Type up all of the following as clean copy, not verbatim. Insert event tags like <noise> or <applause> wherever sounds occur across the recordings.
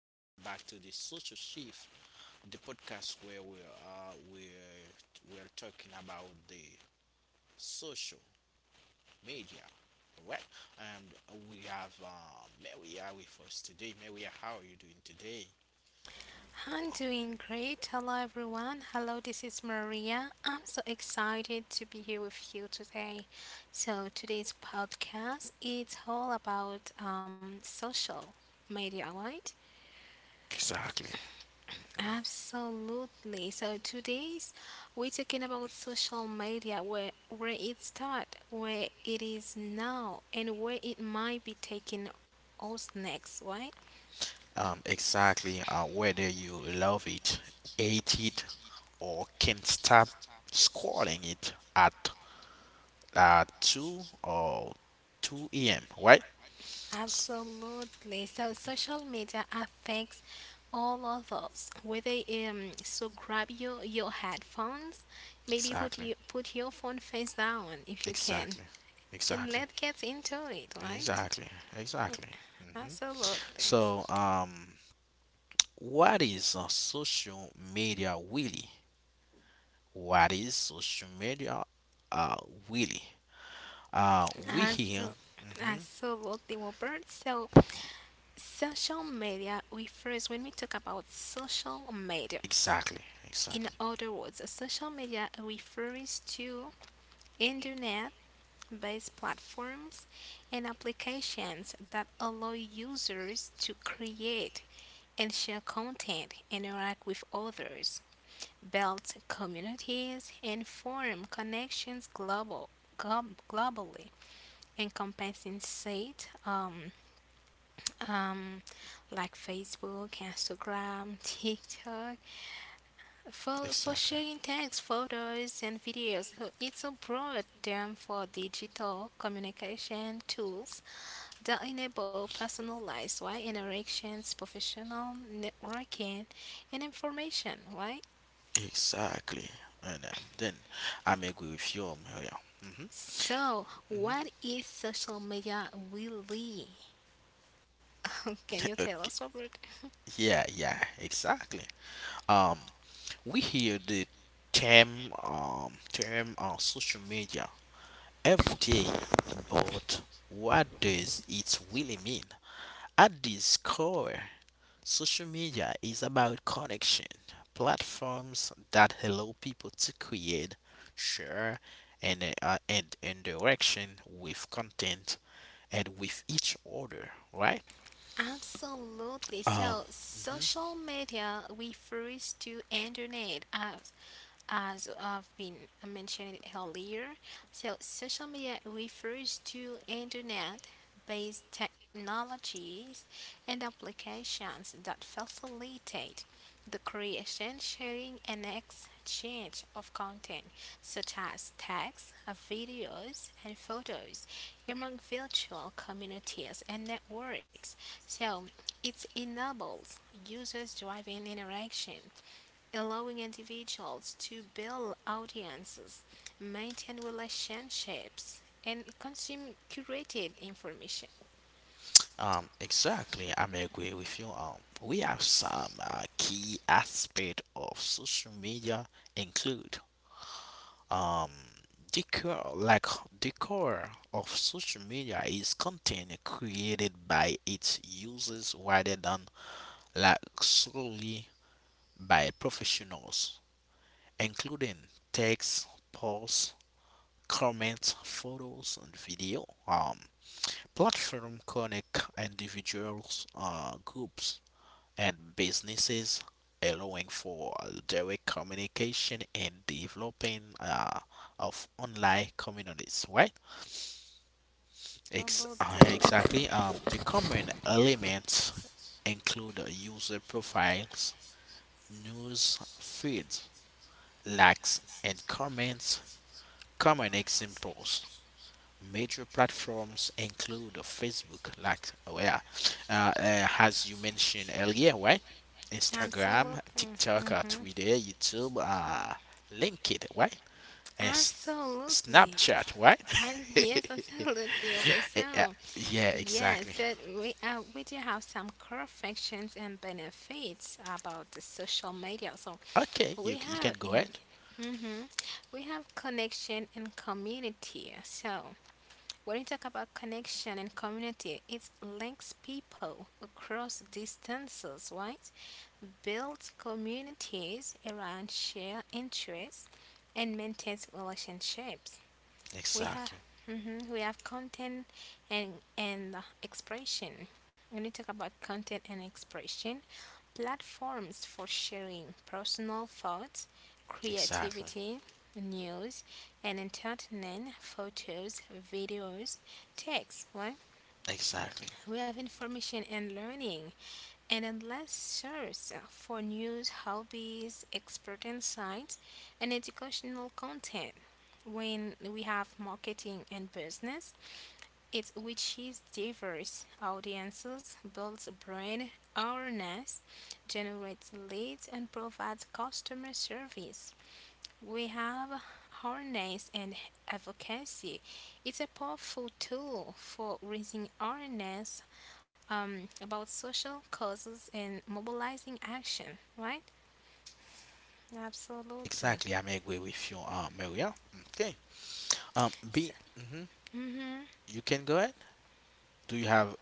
Welcome back to the Social Shift, the podcast where we are we're talking about the social media. Alright, and we have Maria with us today. Maria, how are you doing today? I'm doing great. Hello, everyone. Hello, this is Maria. I'm so excited to be here with you today. So, today's podcast is all about social media, right? Exactly. Absolutely. So, today's we're talking about social media, where it start, where it is now, and where it might be taking us next, right? Exactly. Whether you love it, hate it, or can't stop scrolling it at two or 2 a.m. Right? S- Absolutely. So social media affects all of us. Whether so grab your headphones, maybe Exactly. Put your phone face down if you can, Exactly. and Exactly. let's get into it. Right? Exactly. Exactly. hmm Absolutely. So, what is social media really? What is social media uh, really? We here. Absolutely. hmm Absolutely, Robert. So, social media refers when we talk about social media. Exactly. In Exactly. other words, social media refers to internet based platforms and applications that allow users to create and share content, interact with others, build communities, and form connections globally, encompassing sites um, like Facebook, Instagram, <laughs> TikTok, for Exactly. sharing text, photos, and videos. So it's a broad term for digital communication tools that enable personalized why interactions, professional networking, and information. Right. Exactly. And then I'm agree with you, Maria. hmm So, what hmm is social media really? <laughs> Can you tell us, Robert? yeah, exactly. Um, we hear the term on social media every day, but what does it really mean? At this core, social media is about connection, platforms that allow people to create, share, and interaction with content and with each other, right? Absolutely. So, Um, mhm. social media refers to internet as I've been mentioned earlier. So, social media refers to internet-based technologies and applications that facilitate the creation, sharing, and exchange of content such as text, videos, and photos among virtual communities and networks. So it enables users driving interaction, allowing individuals to build audiences, maintain relationships, and consume curated information. Exactly. I'm agree with you. We have some key aspect of social media include um decor like decor of social media is content created by its users rather than like solely by professionals, including text, posts, comments, photos, and video. Platform connect individuals, groups and businesses, allowing for direct communication and developing of online communities, right? Absolutely, Exactly. The common elements include user profiles, news feeds, likes and comments, common examples. Major platforms include Facebook, like oh yeah, as you mentioned earlier, right? Instagram, absolutely. TikTok, Hmm Twitter, YouTube, LinkedIn, right? And S- absolutely, Snapchat, right? <laughs> and yes, absolutely, over Eh, yeah, several. yeah, exactly. Yes, that we do have some core functions and benefits about the social media. So Okay, we you you can have go ahead. mm-hmm, we have connection and community. So when you talk about connection and community, it links people across distances, right? Builds communities around shared interests and maintains relationships. We have Exactly, mhm, we have content and expression. When you talk about content and expression, platforms for sharing personal thoughts, exactly, creativity, news, and entertainment, photos, videos, text. Right? exactly, We have information and learning, and endless source for news, hobbies, expert insights, and educational content. When we have marketing and business, it reaches diverse audiences, builds brand awareness, generates leads, and provides customer service. We have awareness and advocacy. It's a powerful tool for raising awareness about social causes and mobilizing action, right? Absolutely. exactly. I may agree with you, Maria. Okay. Um, B, So, mhm, mhm. you can go ahead. Do you have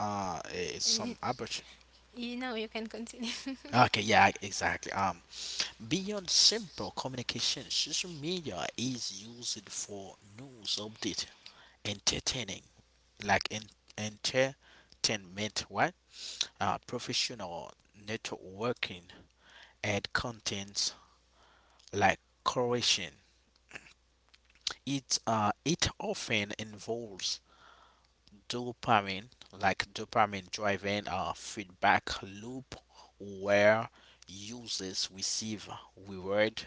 Y- some opportunity? You know, you can continue. Okay, yeah, exactly. Beyond simple communication, social media is used for news update, entertaining, like en entertainment, right? Professional networking and contents like creation. It often involves dopamine, like dopamine driven a feedback loop where users receive reward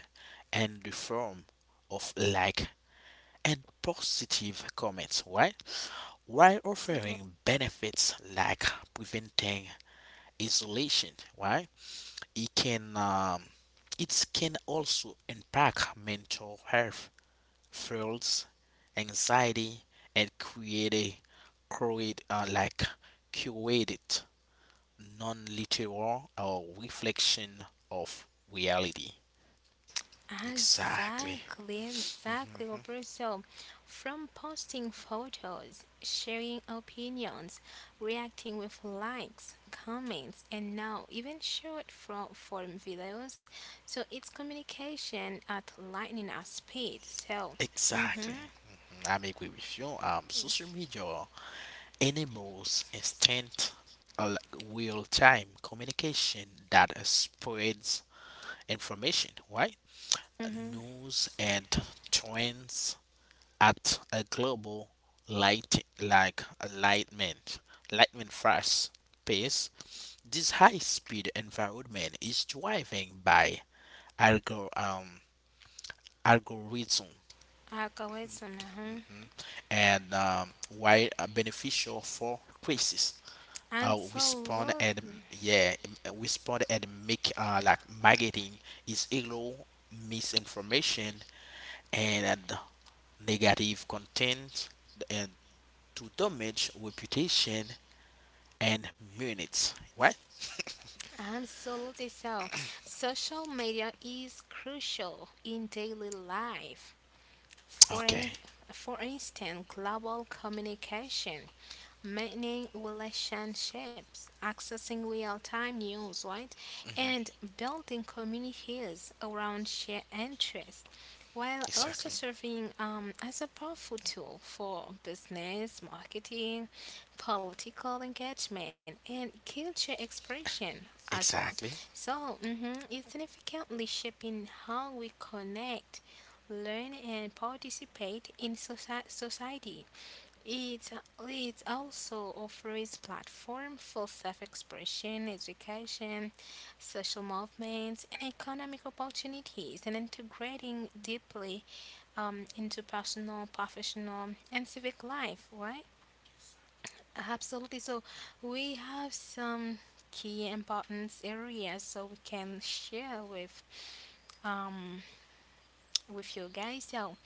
and the form of like and positive comments, right? While <laughs> Absolutely. offering benefits like preventing isolation, right? It can um, it can also impact mental health feels anxiety and create like curated non-literal or reflection of reality. Exactly. Exactly, Mhm. exactly, Roberto. From posting photos, sharing opinions, reacting with likes, comments, and now even short form videos. So it's communication at lightning at speed. So, mm-hmm, Exactly. I am agree with you. Social media enables instant, real-time communication that spreads information, right? mm-hmm. News and trends at a global light like lightning lightning fast pace. This high-speed environment is driven by algo um, algorithm Algorithm, uh-huh. and why are beneficial for crisis. Respond and Absolutely, yeah, respond and make like marketing is illegal misinformation and negative content and to damage reputation and minutes. What? absolutely so. Social media is crucial in daily life. For, Okay. in, for instance, global communication maintaining relationships, accessing real time news, right? And hmm building communities around shared interests while also Exactly. serving as a powerful tool for business, marketing, political engagement, and culture expression as well. Exactly. So mhm, it's significantly shaping how we connect, learn, and participate in society. it, it also offers platform for self-expression, education, social movements, and economic opportunities, and integrating deeply into personal, professional, and civic life, right? Absolutely. So we have some key importance areas so we can share um with you guys. So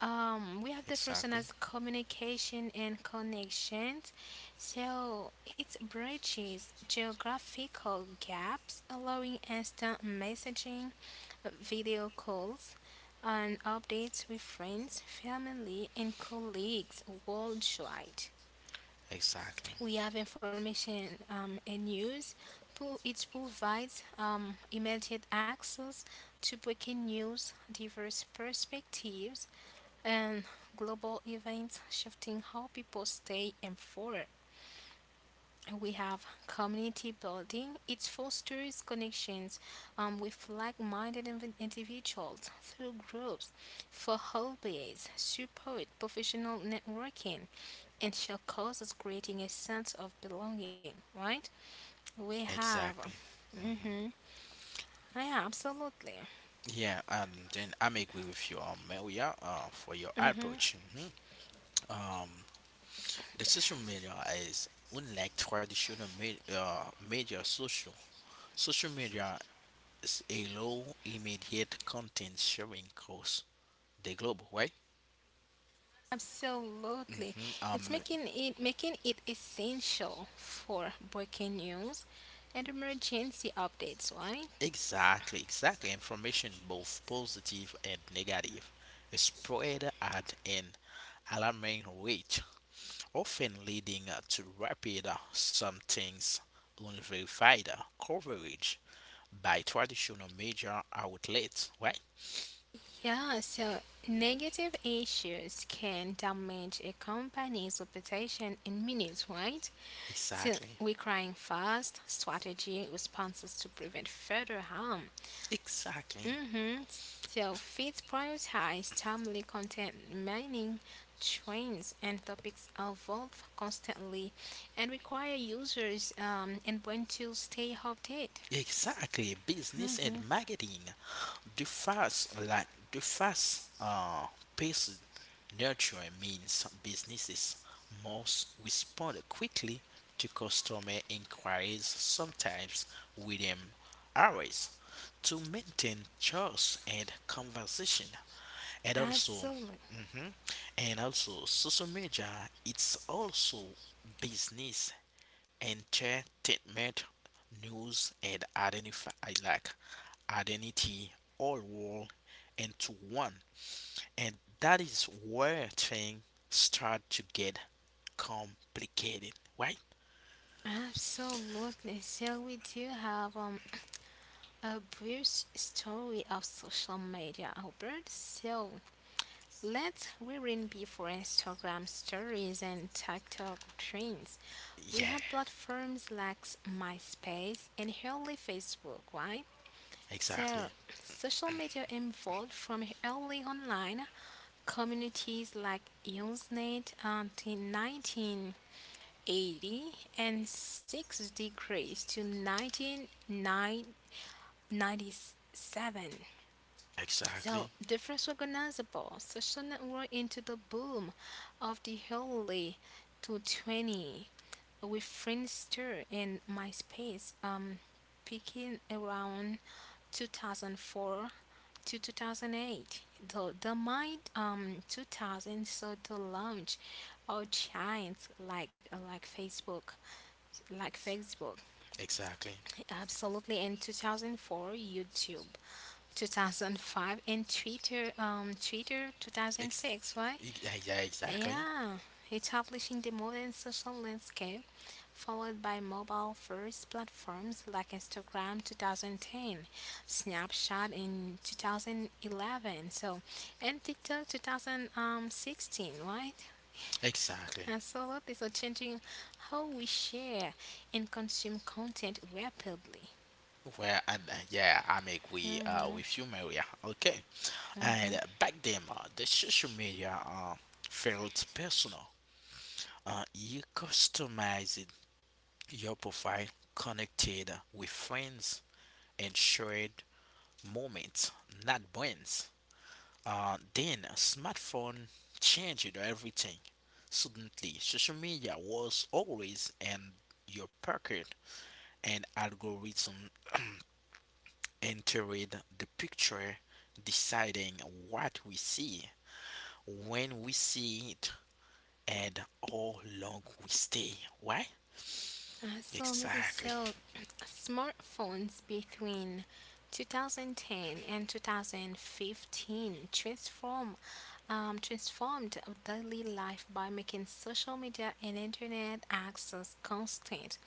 We have the first one Exactly. as communication and connections. So it bridges geographical gaps, allowing instant messaging, video calls, and updates with friends, family, and colleagues worldwide. Exactly. We have information and news. It provides immediate access to breaking news, diverse perspectives, and global events shifting how people stay informed. We have community building. It fosters connections with like-minded individuals through groups for hobbies, support, professional networking, and shall causes creating a sense of belonging. Right? We have. Exactly. Mm-hmm. Yeah, absolutely. Yeah, and then I'm agree with you, Maria, for your approach. Um, the social media is unlike traditional media. Social media is a low immediate content sharing course. The global, right? Absolutely. Mm-hmm. It's making it making it essential for breaking news and emergency updates, right? exactly, exactly. Information, both positive and negative, is spread at an alarming rate, often leading to rapid, sometimes unverified coverage by traditional media outlets. Right? Yeah, so negative issues can damage a company's reputation in minutes, right? So Exactly, requiring fast strategy responses to prevent further harm. exactly. Mm-hmm. So feeds prioritize timely content, meaning trends and topics evolve constantly and require users and when to stay updated. Exactly, business and Mm-hmm. marketing. The fast, like the fast, paced nurture means businesses must respond quickly to customer inquiries, sometimes within hours, to maintain trust and conversation. And also, Absolutely. mhm, and also, social media. It's also business entertainment news and identify like identity all roll into one and that is where things start to get complicated, right? Absolutely. So we do have a brief story of social media, Albert. So let's rewind before Instagram stories and TikTok trends. We Yeah, had platforms like MySpace and early Facebook, right? exactly. So, social media evolved from early online communities like Usenet until 1980 and 6 degrees to 1997. So, Exactly. different recognizable social network into the boom of the early to 20 with Friendster and MySpace peaking around 2004 to 2008. Though the mid 2000 saw the launch of giants like Facebook, like Facebook, Exactly. absolutely in 2004, YouTube 2005, and Twitter, Twitter Ex- 2006, right? Yeah, exactly. Yeah, establishing the modern social landscape, followed by mobile first platforms like Instagram 2010, Snapchat in 2011, so and TikTok 2016, right? Exactly. Absolutely, so changing how we share and consume content rapidly. Well and yeah I make we with you Maria. Okay, and back then the social media felt personal. You customized your profile, connected with friends, and shared moments, not brands. Then smartphone changed everything. Suddenly, social media was always in your pocket, and algorithm entered the picture, deciding what we see, when we see it, and how long we stay. Why? I saw Moody. Exactly. <clears throat> Smartphones between 2010 and 2015 transform transformed our daily life by making social media and internet access constant,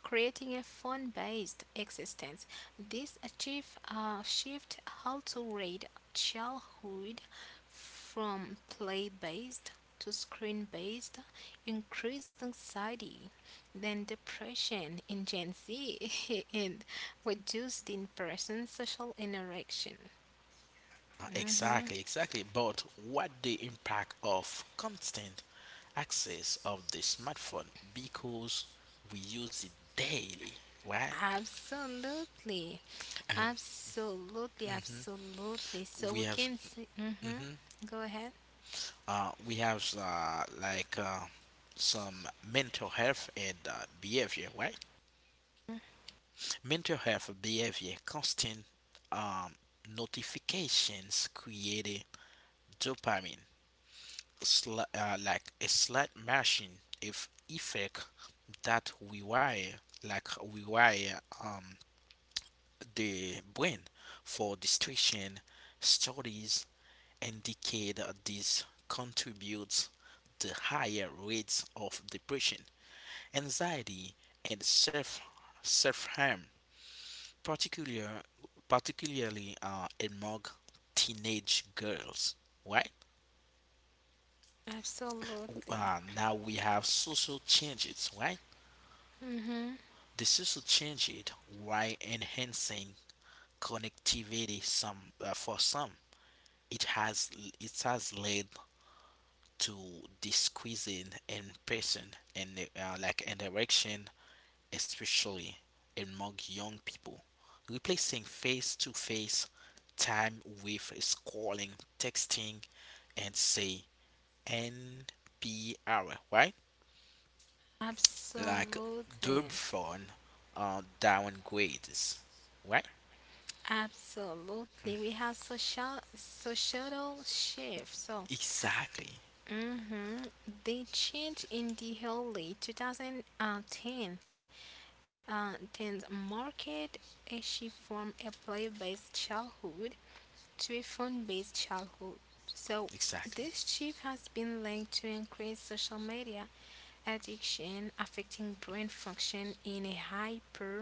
creating a phone-based existence. This achieve shift altered childhood from play-based to screen-based, increased anxiety, than depression in Gen Z <laughs> and reduced in person social interaction. Hmm exactly, exactly. But what the impact of constant access of the smartphone because we use it daily, right? Absolutely. And Absolutely. mhm, Absolutely. So we we have can see. Hmm mhm, Go ahead. We have some mental health and behavior, right? Mental health behavior constant um, notifications create dopamine, like a slight machine if effect that like rewire the brain for distraction. Studies indicate this contributes to higher rates of depression, anxiety, and self harm, particular particularly among teenage girls, right? Absolutely. Uh, now we have social changes, right? Hmm The social changes while enhancing connectivity some for some. It has it has led to decreasing in person and interaction, especially among young people, replacing face-to-face time with scrolling, texting, and say NPR, right? Like Absolutely. dub phone downgrades, right? Absolutely. We have social societal shift. So Exactly, hmm they changed in the early 2010, uh, then market a shift from a play-based childhood to a phone-based childhood. So exactly, this shift has been linked to increased social media addiction affecting brain function in a hyper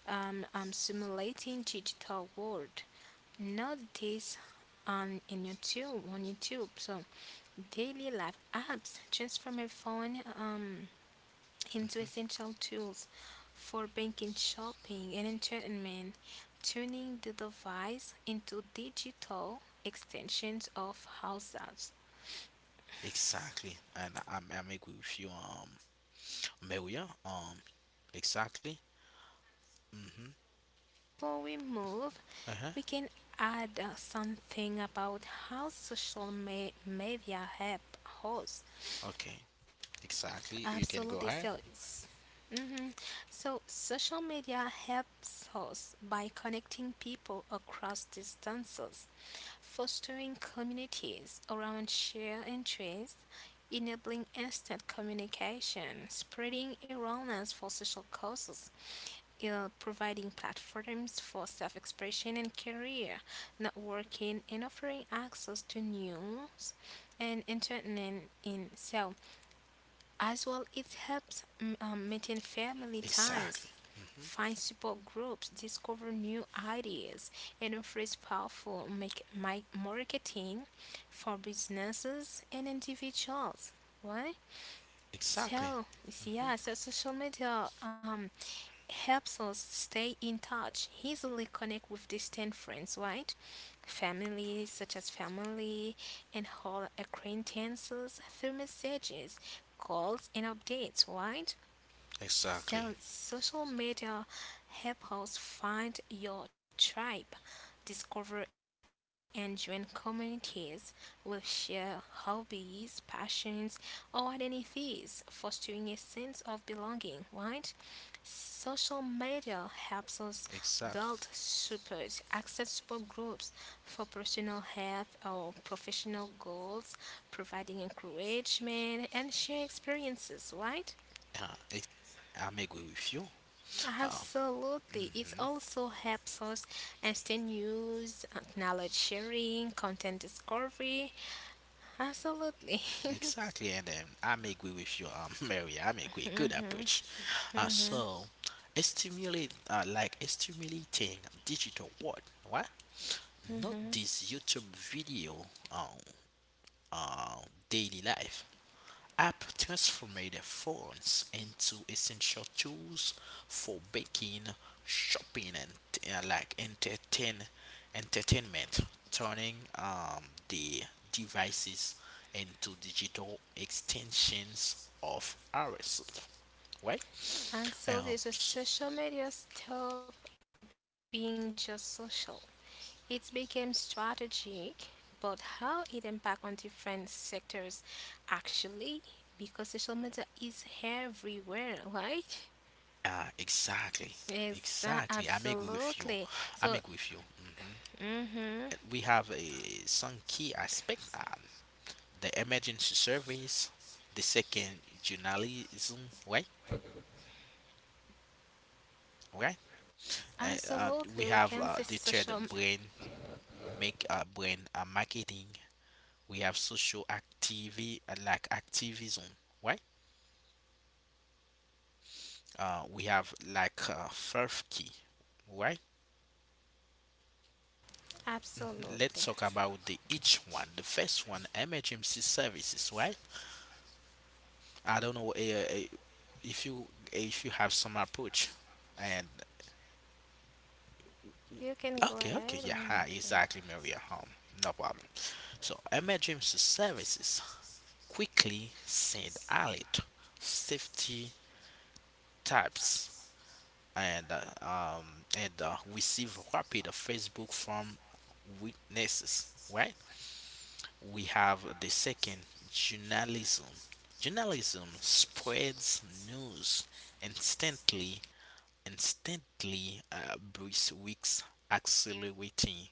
simulating digital world. Not this on in YouTube, on YouTube. So daily life apps transform a phone into essential tools for banking, shopping, and entertainment, turning the device into digital extensions of households. exactly. And I agree with you, Maria. Exactly. Mm-hmm. Before we move, Uh-huh. we can add something about how social media help us. Okay. Exactly. You Absolutely. can go So, ahead. mm-hmm, so social media helps us by connecting people across distances, fostering communities around shared interests, enabling instant communication, spreading awareness for social causes, providing platforms for self expression and career, networking, and offering access to news and entertainment. In so, as well, it helps maintain family Exactly. ties, Mm-hmm. find support groups, discover new ideas, and offers powerful make, marketing for businesses and individuals. Why? Exactly. So, hmm yeah, so social media helps us stay in touch, easily connect with distant friends, right? Family, such as family and whole acquaintances through messages, calls, and updates, right? Exactly. So, social media help us find your tribe, discover and join communities, will share hobbies, passions, or identities, fostering a sense of belonging, right? Social media helps us build Exactly. support, access support groups for personal health or professional goals, providing encouragement and share experiences, right? Uh, ex- I may agree with you. Um, Absolutely. It hmm also helps us understand news, knowledge sharing, content discovery. Absolutely. Exactly. And then I may agree with you, <laughs> Maria. I may agree. Good approach. So, stimulating digital world. Why? Note this YouTube video on uh, daily life app transformed phones into essential tools for baking, shopping, and uh, like entertain entertainment, turning the devices into digital extensions of ourselves. Right? <laughs> Absolutely. So So, social media stop being just social. It became strategic, but how it impact on different sectors actually because social media is everywhere, right? Exactly. Exactly. Exactly. I'm agree Absolutely. with you. So, I'm agree with you. Mm-hmm. We have a, some key aspects: on the emergency service, the second journalism, right? Right? And Absolutely, we we can have say the social. third brain, make brain marketing. We have social activity like activism, right? We have like fourth key, right? Let's Absolutely. talk about the each one. The first one, emergency services, right? I don't know if you have some approach and You can go ahead. okay, okay, And yeah, ah, exactly, Maria. No problem. So, emergency services quickly send alert, safety types, and receive rapid Facebook from witnesses. Right? We have the second journalism. Journalism spreads news instantly, instantly, breaks weeks, accelerating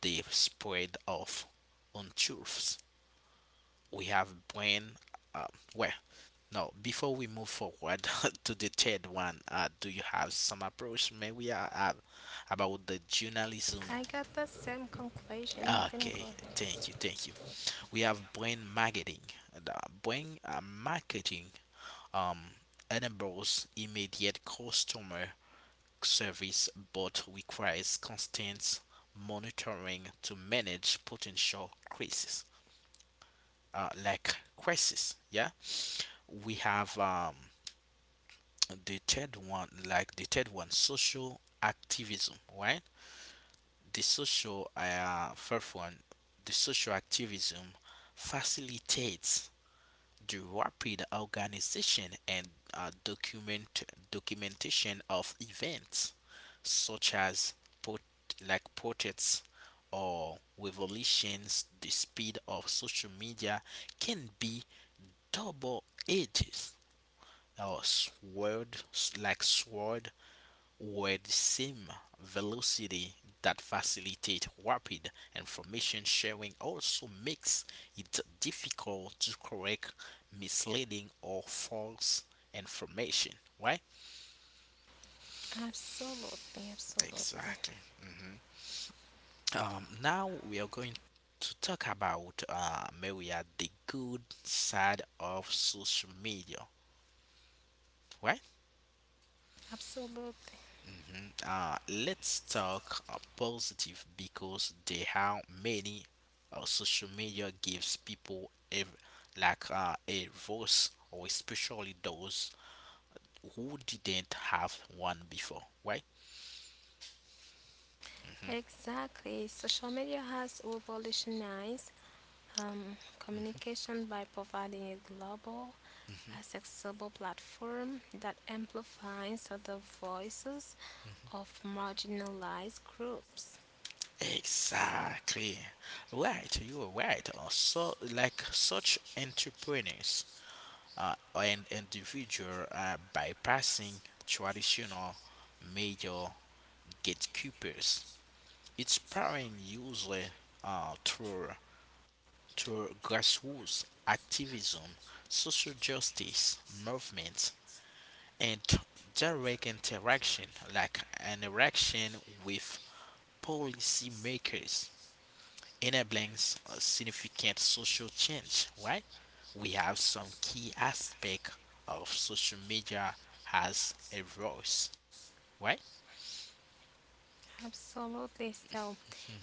the spread of untruths. We have brain. Uh, well, no. Before we move forward <laughs> to the third one, do you have some approach? May we about the journalism? I got the same conclusion. You can go Okay, ahead. thank you, thank you. We have brain marketing. The brain marketing um enables immediate customer service, but requires constant monitoring to manage potential crises. Crisis yeah. We have the third one, social activism, right? The social first one, the social activism facilitates the rapid organization and uh, document documentation of events such as pot- protests or revolutions. The speed of social media can be double edged or sword, like sword, with the same velocity that facilitate rapid information sharing also makes it difficult to correct misleading or false information, right? Absolutely, absolutely, Exactly. hmm um, now we are going to talk about Maria, the good side of social media, right? absolutely. Mhm. Let's talk positive because they how many social media gives people a a voice or especially those who didn't have one before, right? Exactly. Social media has revolutionized communication by providing a global, accessible platform that amplifies the voices of marginalized groups. Exactly. Right, you are right. So, like such entrepreneurs and individual bypassing traditional major gatekeepers. It's powering usually uh, through, through grassroots activism, social justice movements, and direct interaction, like interaction with policymakers, enabling significant social change. Right? We have some key aspect of social media has a voice. Right? Absolutely. So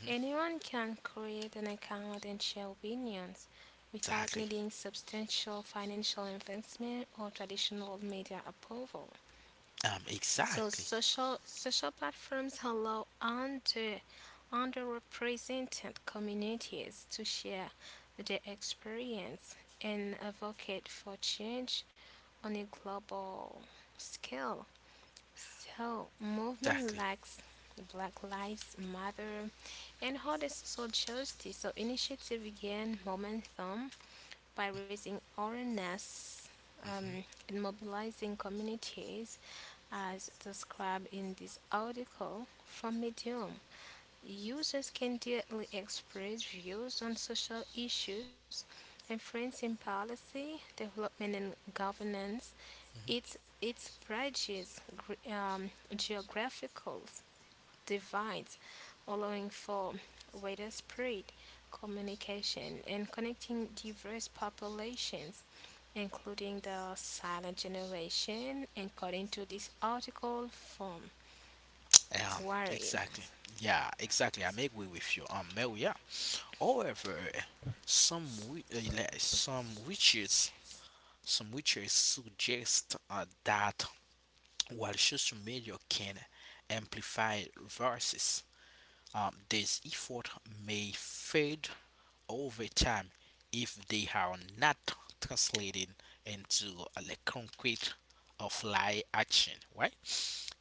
anyone can create an account and share opinions without Exactly. needing substantial financial investment or traditional media approval. So Exactly. Social platforms allow underrepresented communities to share their experience and advocate for change on a global scale. So, movement Exactly. lacks Black Lives Matter and other social justice. So, initiative gain momentum by raising awareness hmm and mobilizing communities, as described in this article from Medium. Users can directly express views on social issues, influencing policy, development, and governance. It bridges geographical divides, allowing for widespread communication and connecting diverse populations, including the silent generation, according to this article from Yeah, Wired. exactly. Yeah, exactly. I agree with you, Mel. Yeah. However, some witches, suggest that while social media can amplify vices, this effort may fade over time if they are not translated into a concrete offline action, right?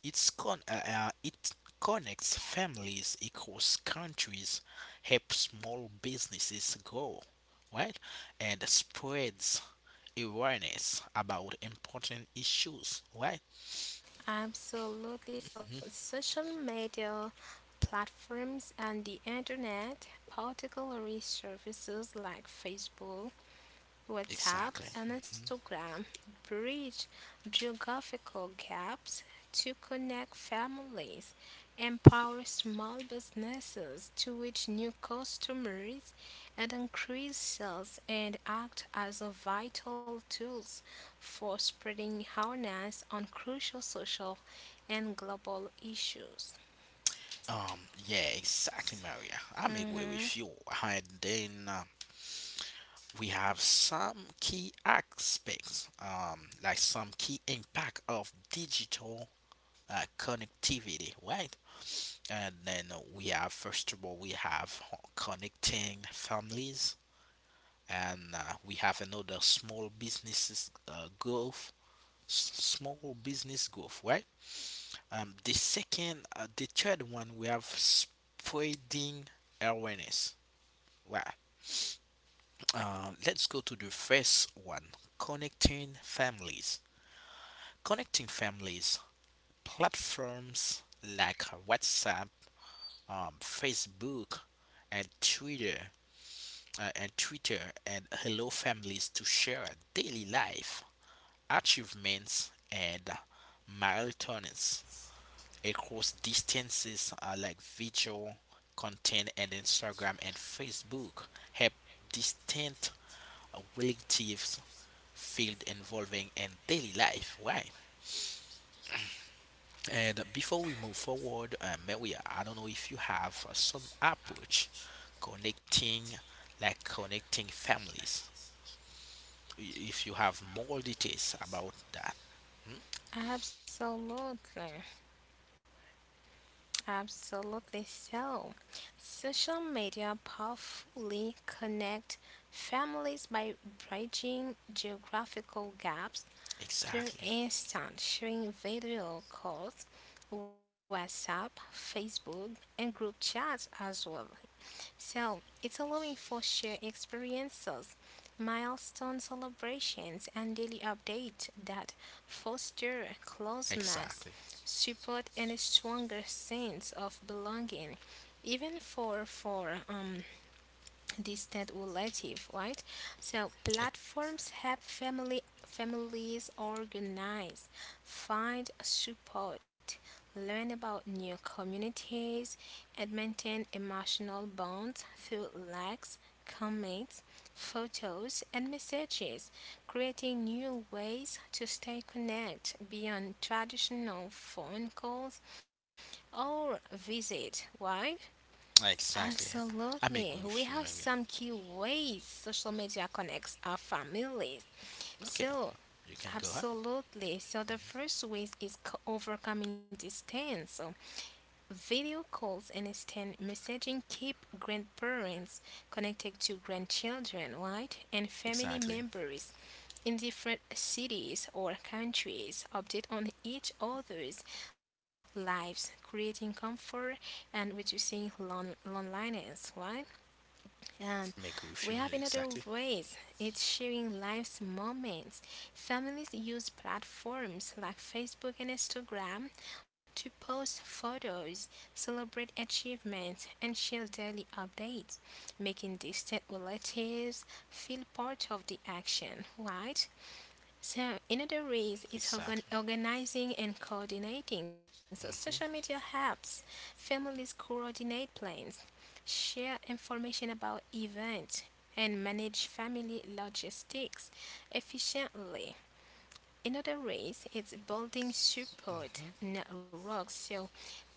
It connects families across countries, helps small businesses grow, right? And spreads awareness about important issues, right? Absolutely. So, Mhm. social media platforms and the internet, particularly services like Facebook, WhatsApp, Exactly. and Mhm. Instagram, bridge geographical gaps to connect families, empower small businesses to reach new customers, and increase sales and act as a vital tools for spreading awareness on crucial social and global issues. Yeah, exactly, Maria. I'm agree Mhm. with you. And then we have some key aspects, some key impact of digital connectivity, right? And then we have, first of all, we have connecting families, and we have another small businesses small business growth, right? The third one, we have spreading awareness. Well, let's go to the first one connecting families. Connecting families, platforms like WhatsApp, Facebook, and Twitter. Uh, and Twitter and hello families to share daily life, achievements, and marathons across distances video content and Instagram and Facebook help distant relatives field involving in daily life. Why? And before we move forward, Maria, I don't know if you have some approach connecting, like connecting families. I- If you have more details about that, hmm? Absolutely, absolutely so. Social media powerfully connect families by bridging geographical gaps through Exactly, instant sharing video calls, WhatsApp, Facebook, and group chats as well. So it's allowing for shared experiences, milestone celebrations, and daily updates that foster exactly, closeness, support, and a stronger sense of belonging. Even for distant relative, right? So platforms help family families organize, find support, learn about new communities, and maintain emotional bonds through likes, comments, photos, and messages, creating new ways to stay connected beyond traditional phone calls or visit, right? exactly. I'm Absolutely. agree We with have you, Maria. some key ways social media connects our families. Okay, So, you can go ahead. absolutely. So, the first way is overcoming distance. So, video calls and instant messaging keep grandparents connected to grandchildren, right? And family Exactly, members in different cities or countries update on each other's lives, creating comfort and reducing loneliness, right? Um, I'm agree with we you. have another Exactly, ways. It's sharing life's moments. Families use platforms like Facebook and Instagram to post photos, celebrate achievements, and share daily updates, making distant relatives feel part of the action, right? So another ways is exactly. Organizing and coordinating. So social hmm media helps families coordinate plans, share information about events, and manage family logistics efficiently. Another ways is building hmm support networks. So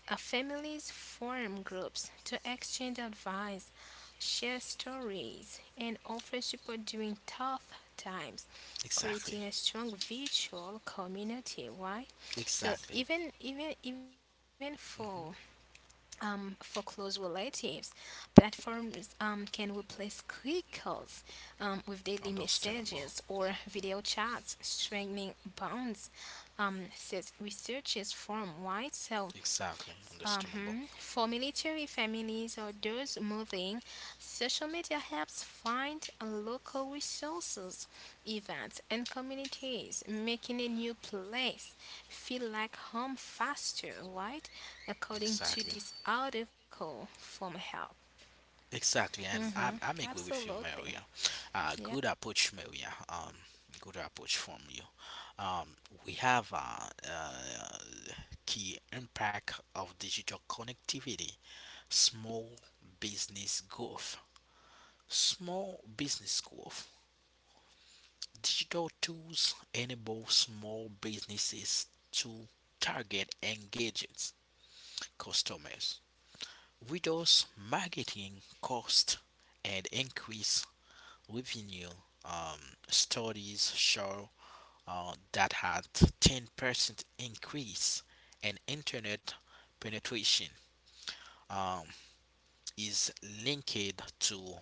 families form groups to exchange advice, share stories, and offer support during tough times, Exactly, creating a strong virtual community. Why? So exactly. even hmm for close relatives, platforms can replace quick calls with daily Understandable. messages or video chats, strengthening bonds. Says researchers from Why? So Exactly, mhm. understandable. For military families or those moving, social media helps find local resources, events, and communities, making a new place feel like home faster, right? According to Exactly, this article from Help. exactly, and Mm-hmm. I agree with you, Absolutely. Maria. Yeah, Good approach, Maria. Good approach from you. Um, we have key impact of digital connectivity, small business growth, small business growth. Digital tools enable small businesses to target engaged customers reduce marketing cost and increase revenue. Studies show that had 10% increase in internet penetration um, is linked to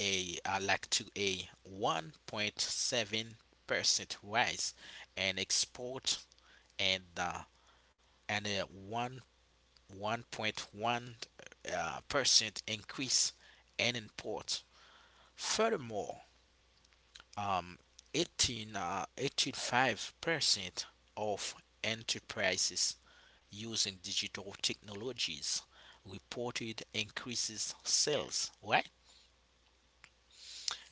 a like to a 1.7% rise in export and uh, and a 1 1.1 percent increase in imports. Furthermore, um, 85% of enterprises using digital technologies reported increases sales. Right?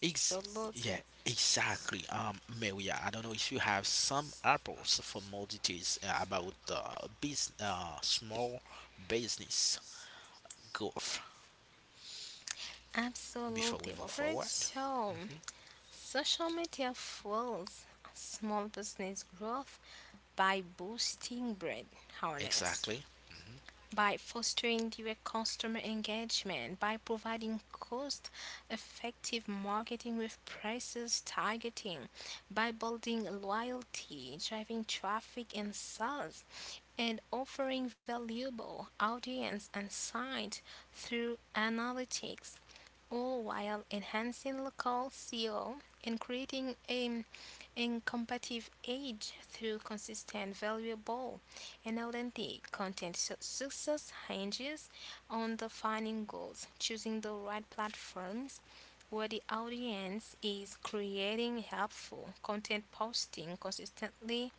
Ex- yeah, absolutely. exactly. Maria, I don't know if you have some apples for more details about business, small business growth. Before we Absolutely, move Robert. forward. So hmm social media fuels small business growth by boosting brand awareness, Exactly. hmm by fostering direct customer engagement, by providing cost effective marketing with prices targeting, by building loyalty, driving traffic and sales, and offering valuable audience insight through analytics, all while enhancing local CO and creating an incompetitive edge through consistent, valuable, and authentic content. So success hinges on defining goals, choosing the right platforms where the audience is creating helpful content, posting consistently,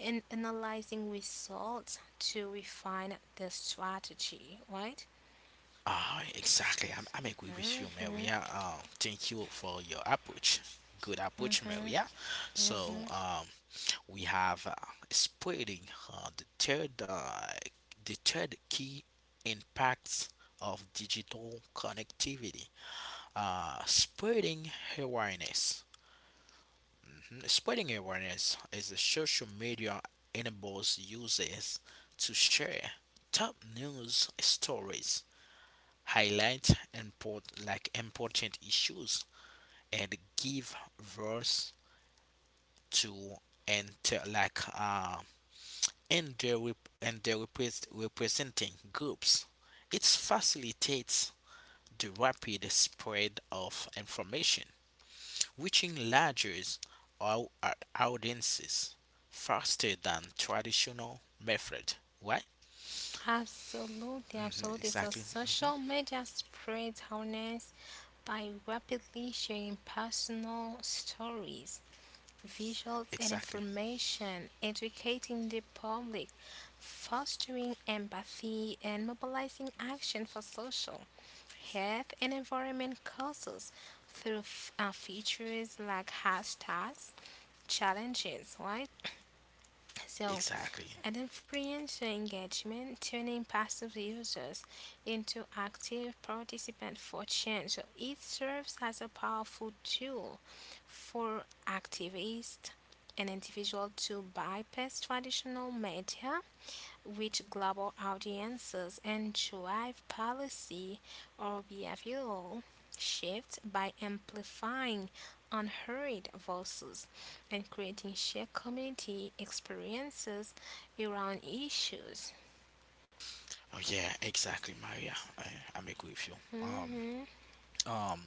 and analyzing results to refine the strategy, right? Ah, exactly. I'm agree with you, Maria. Thank you for your approach. Good approach, Maria. So, we have spreading uh, the third uh, the third key impacts of digital connectivity. Spreading awareness. Spreading awareness is the social media enables users to share top news stories, highlight important issues, and give voice to and to- like and their rep- and their repres representing groups. It facilitates the rapid spread of information reaching larger au- audiences faster than traditional method. Right? Absolutely, absolutely. So Exactly. hmm social media spreads awareness by rapidly sharing personal stories, visuals, and Exactly. information, educating the public, fostering empathy, and mobilizing action for social, health, and environment causes through features like hashtags, challenges, right? So Exactly. and influencer engagement, turning passive users into active participants for change. So it serves as a powerful tool for activists and individuals to bypass traditional media which global audiences and drive policy or behavioral shifts by amplifying unheard voices and creating shared community experiences around issues. Oh yeah, exactly, Maria. I'm agree with you. Mhm. Um, um,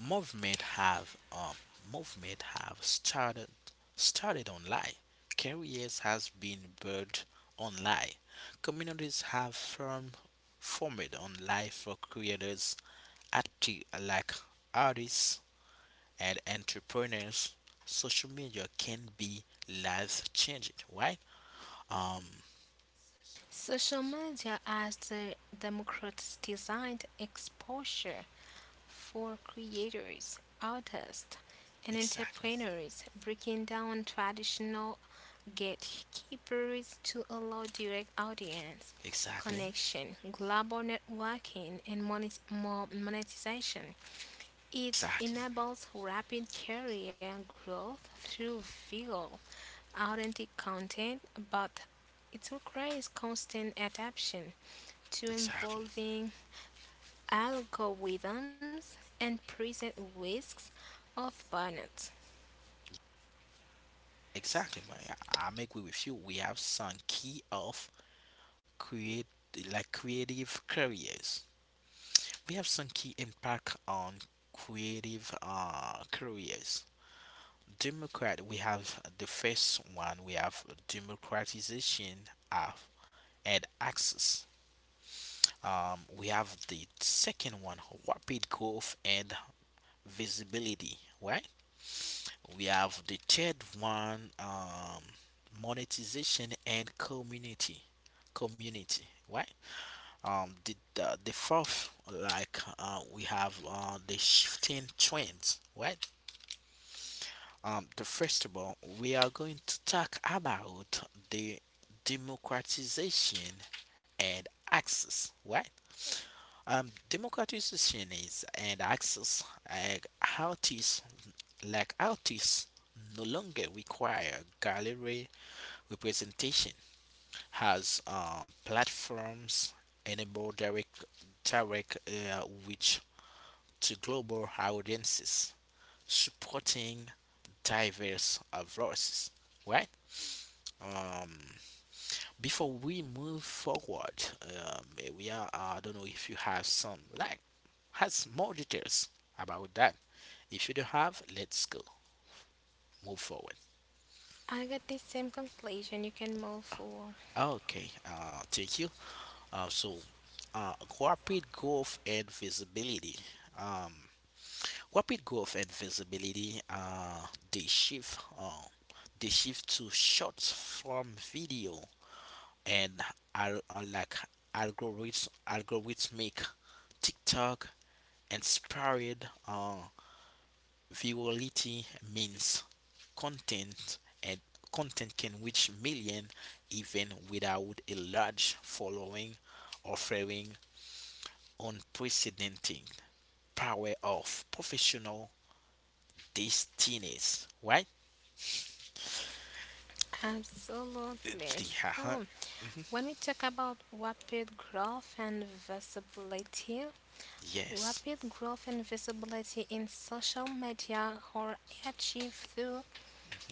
movement have um movement have started online. Careers has been built online. Communities have formed online for creators active like artists and entrepreneurs, social media can be life changing, right? Um, Social media as the democrats designed exposure for creators, artists, and exactly, entrepreneurs, breaking down traditional gatekeepers to allow direct audience exactly, connection, global networking, and monetization. It exactly, enables rapid career growth through viral, authentic content, but it requires constant adaptation to exactly, evolving algorithms and present risks of burnout. exactly, man. I'm agree with you. We have some key of create like creative careers. We have some key impact on creative careers. Democrat, we have the first one. We have democratization of and access. We have the second one, rapid growth and visibility, right? We have the third one, monetization and community, right? Um, the fourth, we have the shifting trends, right? The first of all, we are going to talk about the democratization and access, right? Democratization is and access like artists like artists no longer require gallery representation as platforms enable direct reach to global audiences supporting diverse voices, right. um Before we move forward, I don't know if you have some, like, has more details about that. If you don't have, let's go, move forward. I got the same conclusion you can move for. Okay, thank you. So, uh, rapid growth and visibility. Um, Rapid growth and visibility. They shift to short form video and are algorithmic TikTok inspired virality means content and content can reach million even without a large following, offering unprecedented power of professional destinies. Right? Absolutely. So Uh-huh. when we talk about rapid growth and visibility, Yes. rapid growth and visibility in social media are achieved through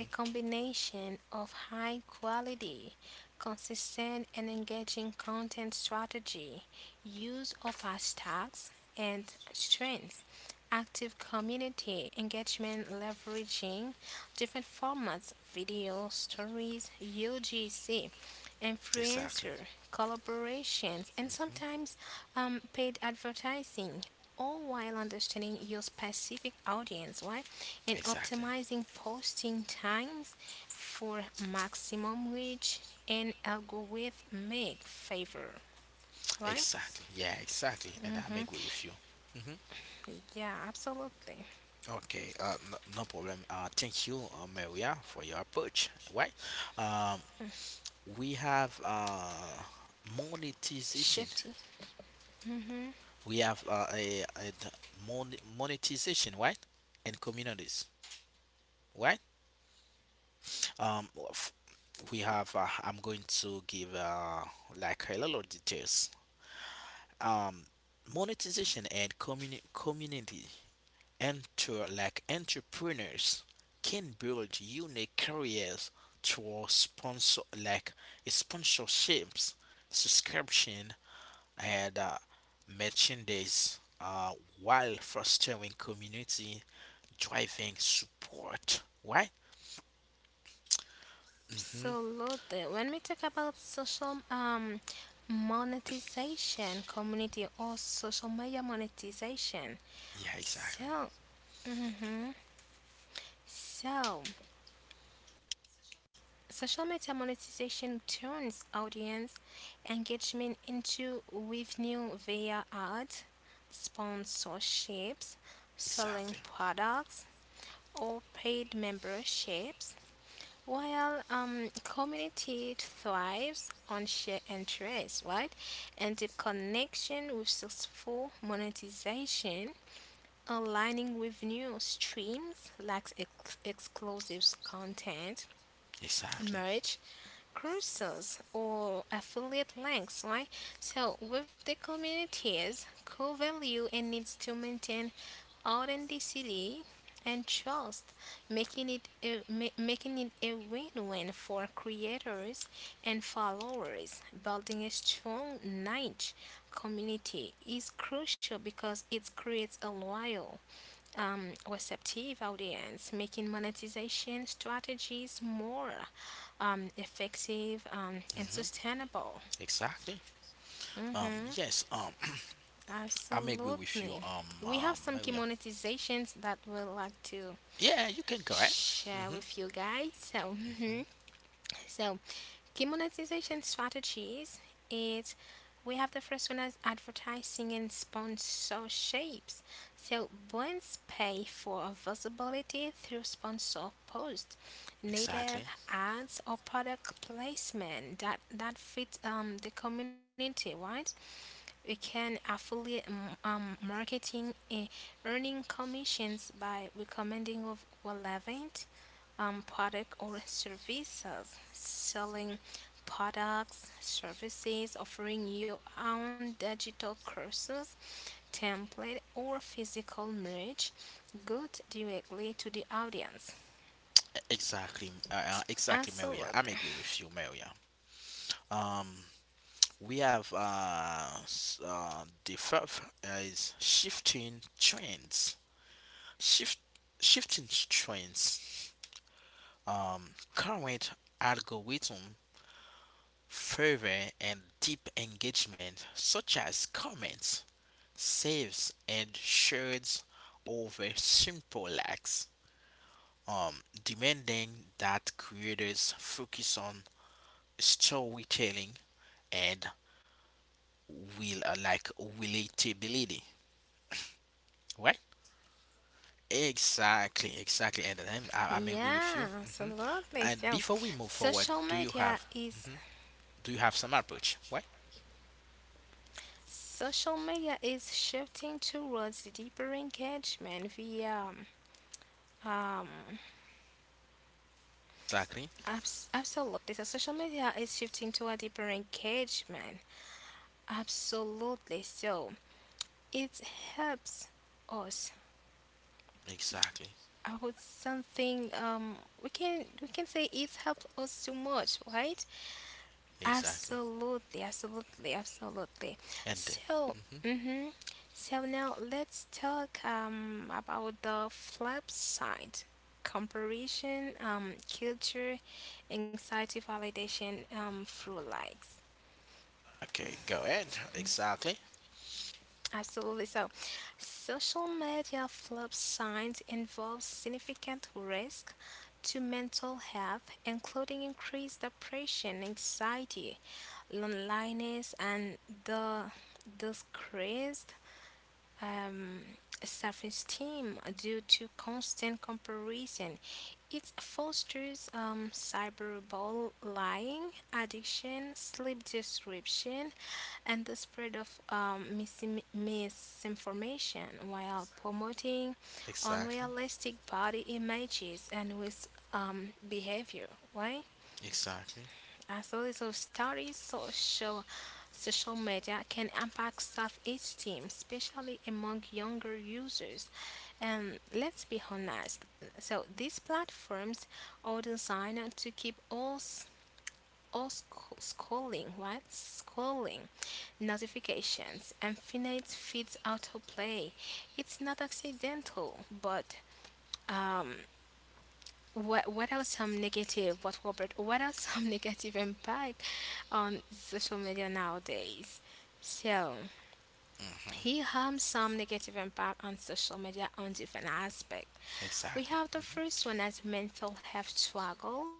a combination of high quality, consistent, and engaging content strategy, use of hashtags and trends, active community engagement leveraging different formats video, stories, UGC, Exactly. influencer collaborations, and Mhm. sometimes paid advertising, all while understanding your specific audience, right? And Exactly. optimizing posting times for maximum reach and algorithmic favor, right? Exactly. Yeah. Exactly. And I'm agree with you. Mhm. Yeah, absolutely. Okay, no, no problem. Thank you, Maria, for your approach. Why? Um, we have monetization. Shifty. We have monetization, right? And communities, right? Um, we have. I'm going to give like a little details. Um, Monetization and community enter like entrepreneurs can build unique careers through sponsorships, subscription, and merchandise, while fostering community, driving support. Right? hmm Absolutely. When we talk about social monetization, community or social media monetization, Yeah, exactly, so mhm. So social media monetization turns audience engagement into revenue via ads, sponsorships, selling exactly, products, or paid memberships. While community thrives on shared interests, right, and deep connection with successful monetization, aligning with new streams like exclusive content, exactly. merch, courses or affiliate links, right? So with the communities, core value and needs to maintain authenticity and trust, making it a win-win for creators and followers. Building a strong niche community is crucial because it creates a loyal, receptive audience, making monetization strategies more effective and hmm sustainable. Exactly. Hmm Yes. <clears throat> I'm agree with you. Absolutely. We have some key Maria. monetizations that we'd like to Yeah, you can go. Right. share Mm-hmm. with you guys. So mhm. Mm-hmm. So key monetization strategies is we have the first one as advertising and sponsorships. So brands pay for visibility through sponsor posts, native Exactly. ads, or product placement that fits the community. Right? We can affiliate marketing, earning commissions by recommending of relevant, product or services, selling products, services, offering your own digital courses, template, or physical merch, good directly to the audience. Exactly, exactly, Maria. I'm Absolutely. agree with you, Maria. Um, we have the fifth is shifting trends. Shift Shifting trends. Current algorithm favor and deep engagement, such as comments, saves, and shares over simple likes. Demanding that creators focus on storytelling and will like relatability, right? Exactly, exactly. And I'm agree with Yeah, you. hmm absolutely. And So before we move forward, social do you media have is hmm do you have some approach? Right? social media is shifting towards deeper engagement via um, Exactly, absolutely. So social media is shifting to a deeper engagement. Absolutely. So it helps us. exactly, I would something we can say it helped us too much, right? exactly. Absolutely, absolutely, absolutely. And then, So hmm mm-hmm. So now let's talk about the flip side. Comparison, culture, anxiety, validation, through likes. okay, go ahead. Exactly, Absolutely. So social media flip signs involve significant risk to mental health, including increased depression, anxiety, loneliness, and the decreased, um, self-esteem due to constant comparison. It fosters, cyberbullying, lying, addiction, sleep disruption, and the spread of, misinformation while promoting exactly, unrealistic body images and with behavior. Why? exactly, As a little story, social media can impact self-esteem, especially among younger users. And let's be honest, so these platforms are designed to keep all s- all sc- scrolling, right? Scrolling, notifications, infinite feeds autoplay. It's not accidental, but um, what are some negative? What Robert? What are some <laughs> negative impact on social media nowadays? So here are some negative impact on social media on different aspects. We exactly, have the first one as mental health struggles.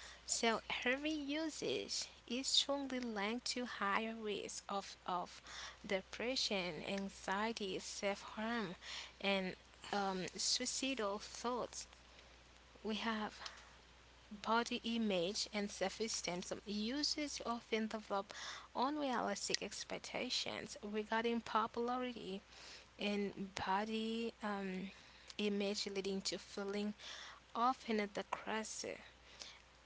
So heavy usage is strongly linked to higher risk of depression, anxiety, self harm, and, suicidal thoughts. We have body image and self-esteem. Users often develop unrealistic expectations regarding popularity and body, image, leading to feeling often at the crest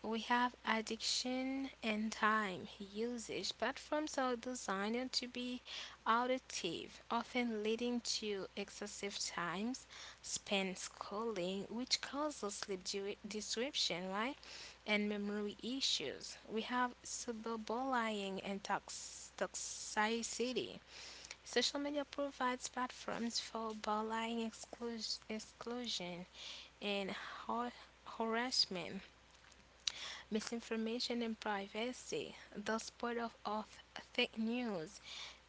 we have addiction and time usage. Platforms are designed to be addictive, often leading to excessive times spent scrolling, which causes disruption, right? And memory issues. We have cyberbullying and toxicity. Social media provides platforms for bullying, exclusion, and harassment misinformation and privacy, the spread of fake news,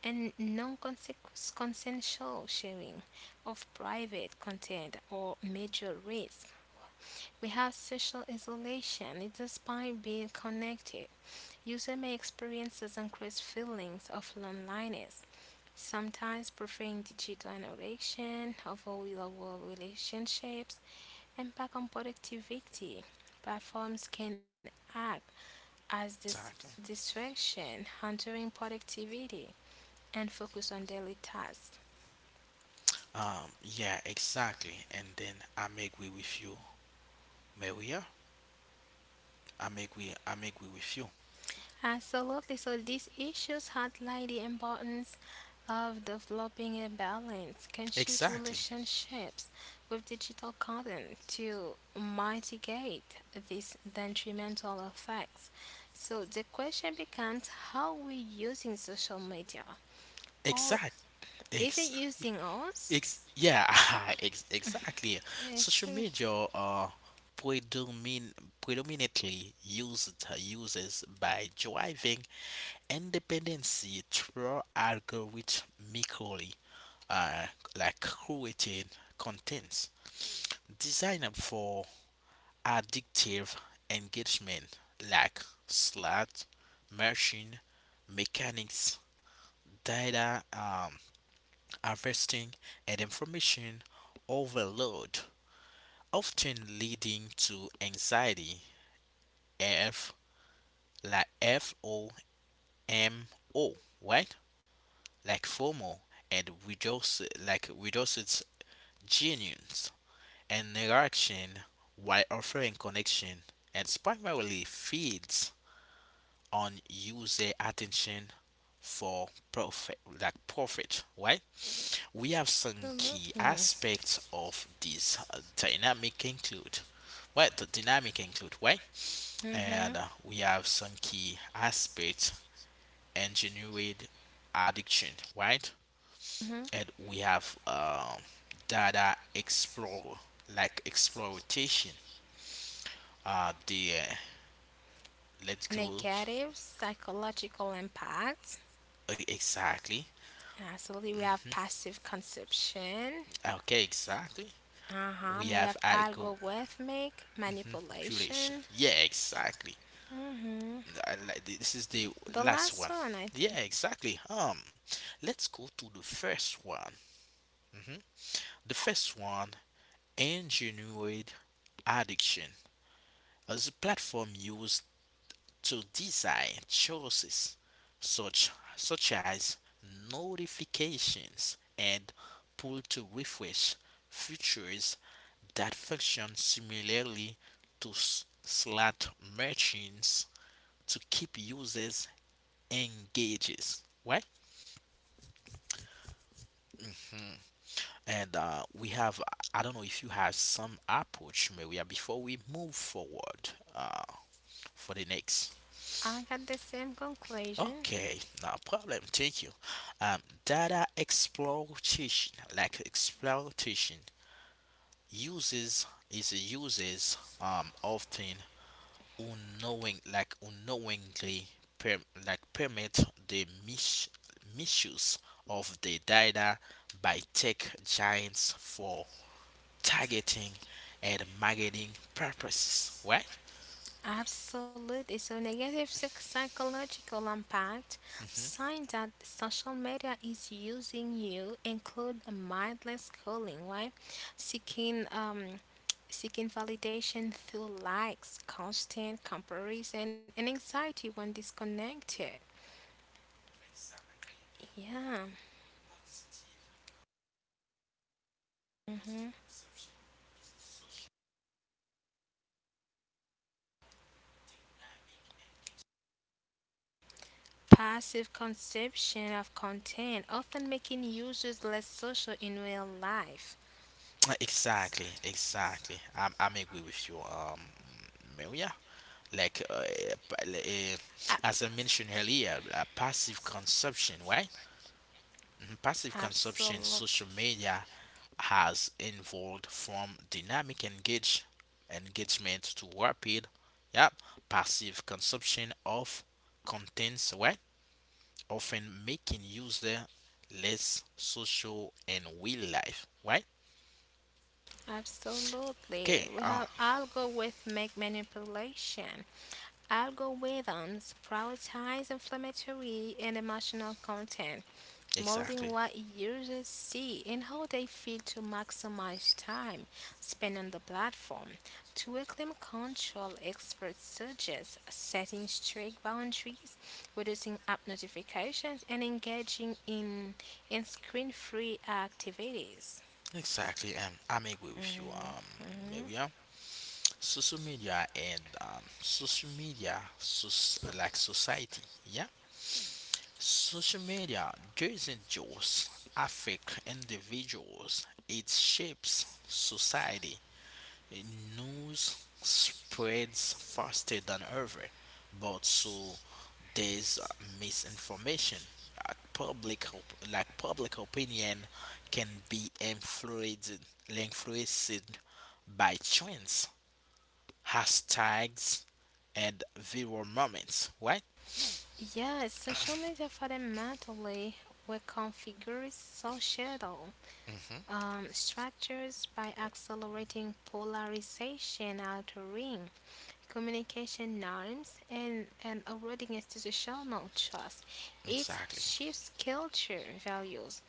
and non consensual sharing of private content or major risk. We have social isolation, it's despite being connected. User may experience increased feelings of loneliness, sometimes preferring digital interaction over real world relationships, impact on productivity. Platforms can act as this exactly. distraction, hindering productivity, and focus on daily tasks. Yeah, exactly. And then I agree with you, Maria. I agree. I agree with you. Absolutely. So these issues highlight the importance of developing a balanced, conscious Exactly. relationships with digital content to mitigate these detrimental effects. So the question becomes how we using social media or Exactly. is it Ex, using us? Yeah, <laughs> exactly. Yes, Social media are predomin predominantly used uses by driving independency through algorithmically, uh, curated contents designed for addictive engagement, like slot, machine, mechanics, data, harvesting, and information overload, often leading to anxiety, F like FOMO, right? FOMO and reduces genuines and interaction while offering connection and primarily feeds on user attention for profit, right? We have some key absolutely. aspects of this dynamic include. Well, the dynamic include, right? Mm-hmm. And we have some key aspects engineered addiction, right? Mhm. And we have data explore, like exploitation. The Let's go. Negative psychological impact. Exactly. Absolutely, we have passive consumption. Okay, exactly. Uh huh. We We have have algo algorithmic population. manipulation. Yeah, exactly. Mhm. This is the The last last one. one, I Yeah, think. exactly. Let's go to the first one. The first one, engineered addiction, as a platform used to design choices such such as notifications and pull to refresh features that function similarly to slot machines to keep users engaged. Right? And we have, I don't know if you have some approach, Maria, before we move forward for the next. I got the same conclusion. Okay, no problem, thank you. um, Data exploitation uses is uses often unknowingly per, permit the misuse of the data by tech giants for targeting and marketing purposes, right? Absolutely. So psychological impact Mhm. signs that social media is using you include a mindless scrolling, right? Seeking um, seeking validation through likes, constant comparison, and anxiety when disconnected. Yeah. hmm Passive consumption of content, often making users less social in real life. Exactly, exactly. I'm agree with you, Maria. Like, as I mentioned earlier, passive consumption, right? Mhm. Passive consumption, Absolutely. social media has evolved from dynamic engagement to rapid, yep, passive consumption of contents, right? Often making user less social in real life, right? Absolutely. Okay, We have algorithmic manipulation. Algorithms prioritize inflammatory and emotional content, molding exactly, what users see and how they feel to maximize time spent on the platform. To acclaim control, experts suggest setting strict boundaries, reducing app notifications, and engaging in screen free activities. exactly. I'm agree with you, Mhm. Maria. Social media, society, yeah. Social media doesn't just affect individuals; it shapes society. News spreads faster than ever, but so does misinformation. Like public opinion can be influenced by trends, hashtags, and viral moments, right? Yes, social media fundamentally reconfigures societal, hmm structures by accelerating polarization, altering communication norms, and eroding institutional trust. It Exactly. shifts culture values,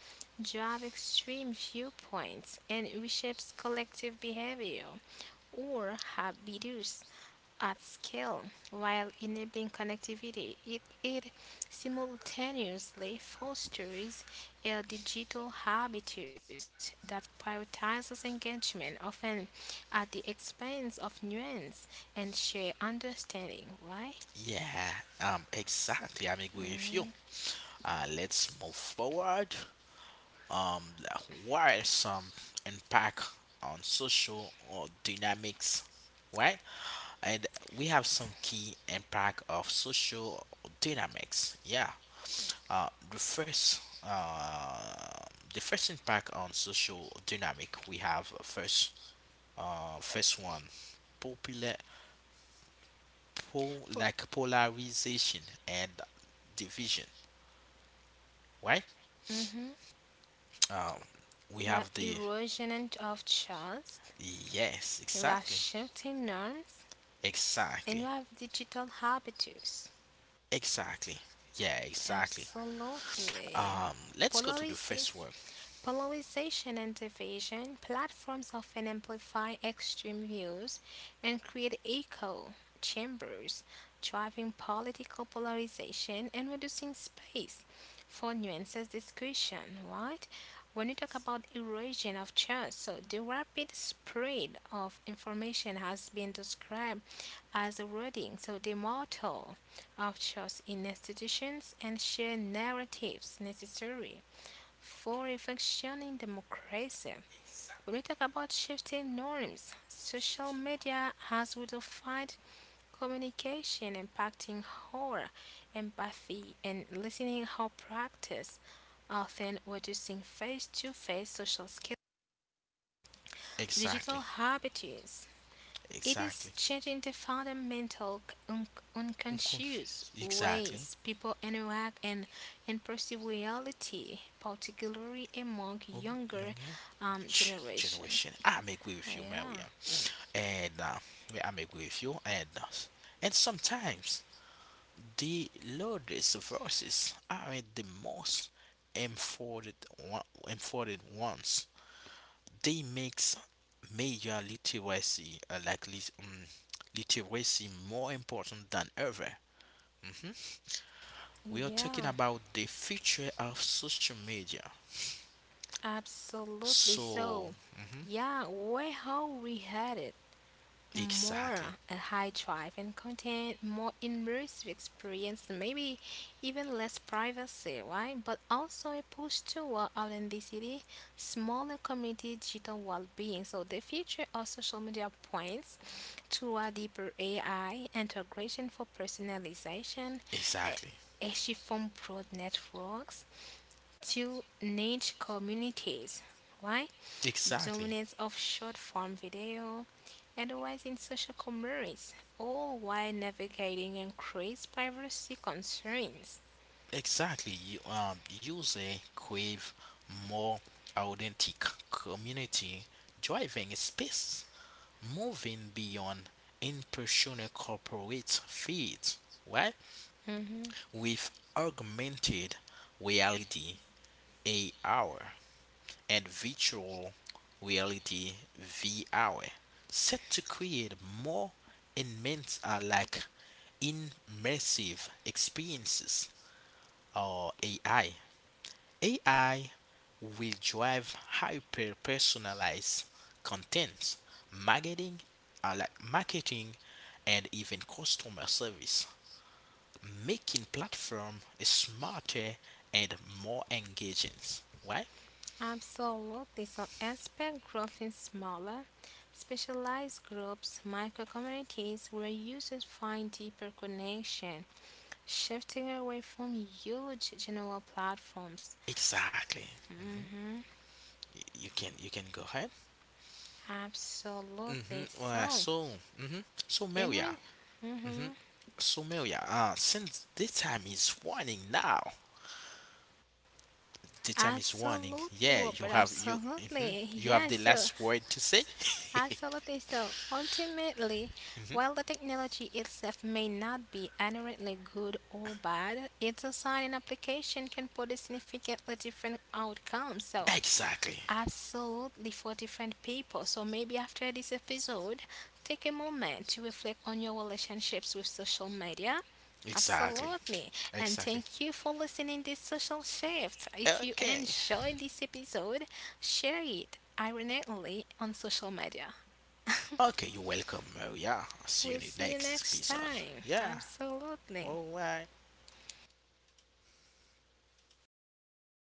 drives extreme viewpoints, and reshapes collective behavior or habits at scale while enabling connectivity. It simultaneously fosters a digital habitus that prioritizes engagement, often at the expense of nuance and shared understanding. Why? Yeah, exactly. I'm agree with you. Let's move forward. um, while some impact on social or dynamics, right? And we have some key impact of social dynamics. Yeah. Uh, the first, uh, the first impact on social dynamic we have first one, popular, po Po- like polarization and division, right? mhm. Um, we We have have the erosion and- of trust, Yes, we have exactly, shifting norms, and we exactly. have digital habitus. Exactly. Yeah, exactly. Absolutely. Let's go to the Polarization. first one. Polarization and division, platforms often amplify extreme views and create echo chambers, driving political polarization and reducing space for nuances discussion, right? When you talk about erosion of trust, so the rapid spread of information has been described as eroding, so the mortal of trust in institutions and shared narratives necessary for a functioning democracy. When we talk about shifting norms, social media has redefined communication, impacting our empathy and listening how practice, often reducing face to face social skills. Digital Exactly. habits it is Exactly. changing the fundamental unconscious Unconscious. Exactly. ways people interact and perceive reality, particularly among Oh, younger, younger generation. generation. I'm agree Ah, with you, yeah, Maria. And I'm agree with you. And and sometimes the loudest verses aren't the most important one, important ones. They makes media literacy literacy more important than ever. Mhm. We are talking yeah, about the future of social media. absolutely. So, So mhm, yeah, where how we headed? More exactly, a high drive and content, more immersive experience, and maybe even less privacy, right? But also a push toward authenticity, smaller community, digital well-being. So the future of social media points to a deeper AI integration for personalization, a, exactly, a shift from broad networks to niche communities. Why? exactly, Dominance of short form video and a rise in social commerce, all while navigating increased privacy concerns. exactly. You User crave more authentic community driving space, moving beyond impersonal corporate feeds. Right? Mhm. With augmented reality AR and virtual reality VR set to create more immense like immersive experiences or AI. AI will drive hyper personalized content, marketing, marketing and even customer service making platform smarter and more engaging. Why? Absolutely. So expect growth in smaller, specialized groups, micro communities where users find deeper connection, shifting away from huge general platforms. Exactly, Mhm. You can go ahead. mm-hmm Absolutely. uh, So so mm-hmm so, it Maria, re- mhm. Since the time is warning now, the time is warning Absolutely, yeah, Robert. you have, you Absolutely. You Yeah, have the so last word to say. absolutely. So ultimately, while Mm-hmm. the technology itself may not be inherently good or bad, its design and application can produce significantly different outcomes. So Exactly. absolutely for different people. So maybe after this episode, take a moment to reflect on your relationships with social media. Exactly. Absolutely. And Exactly. thank you for listening this social shift. If you Okay. enjoyed this episode, share it ironically on social media. Okay, you're welcome, Maria. I'll see you We'll in the see you next next episode. time. Yeah, Absolutely. all right.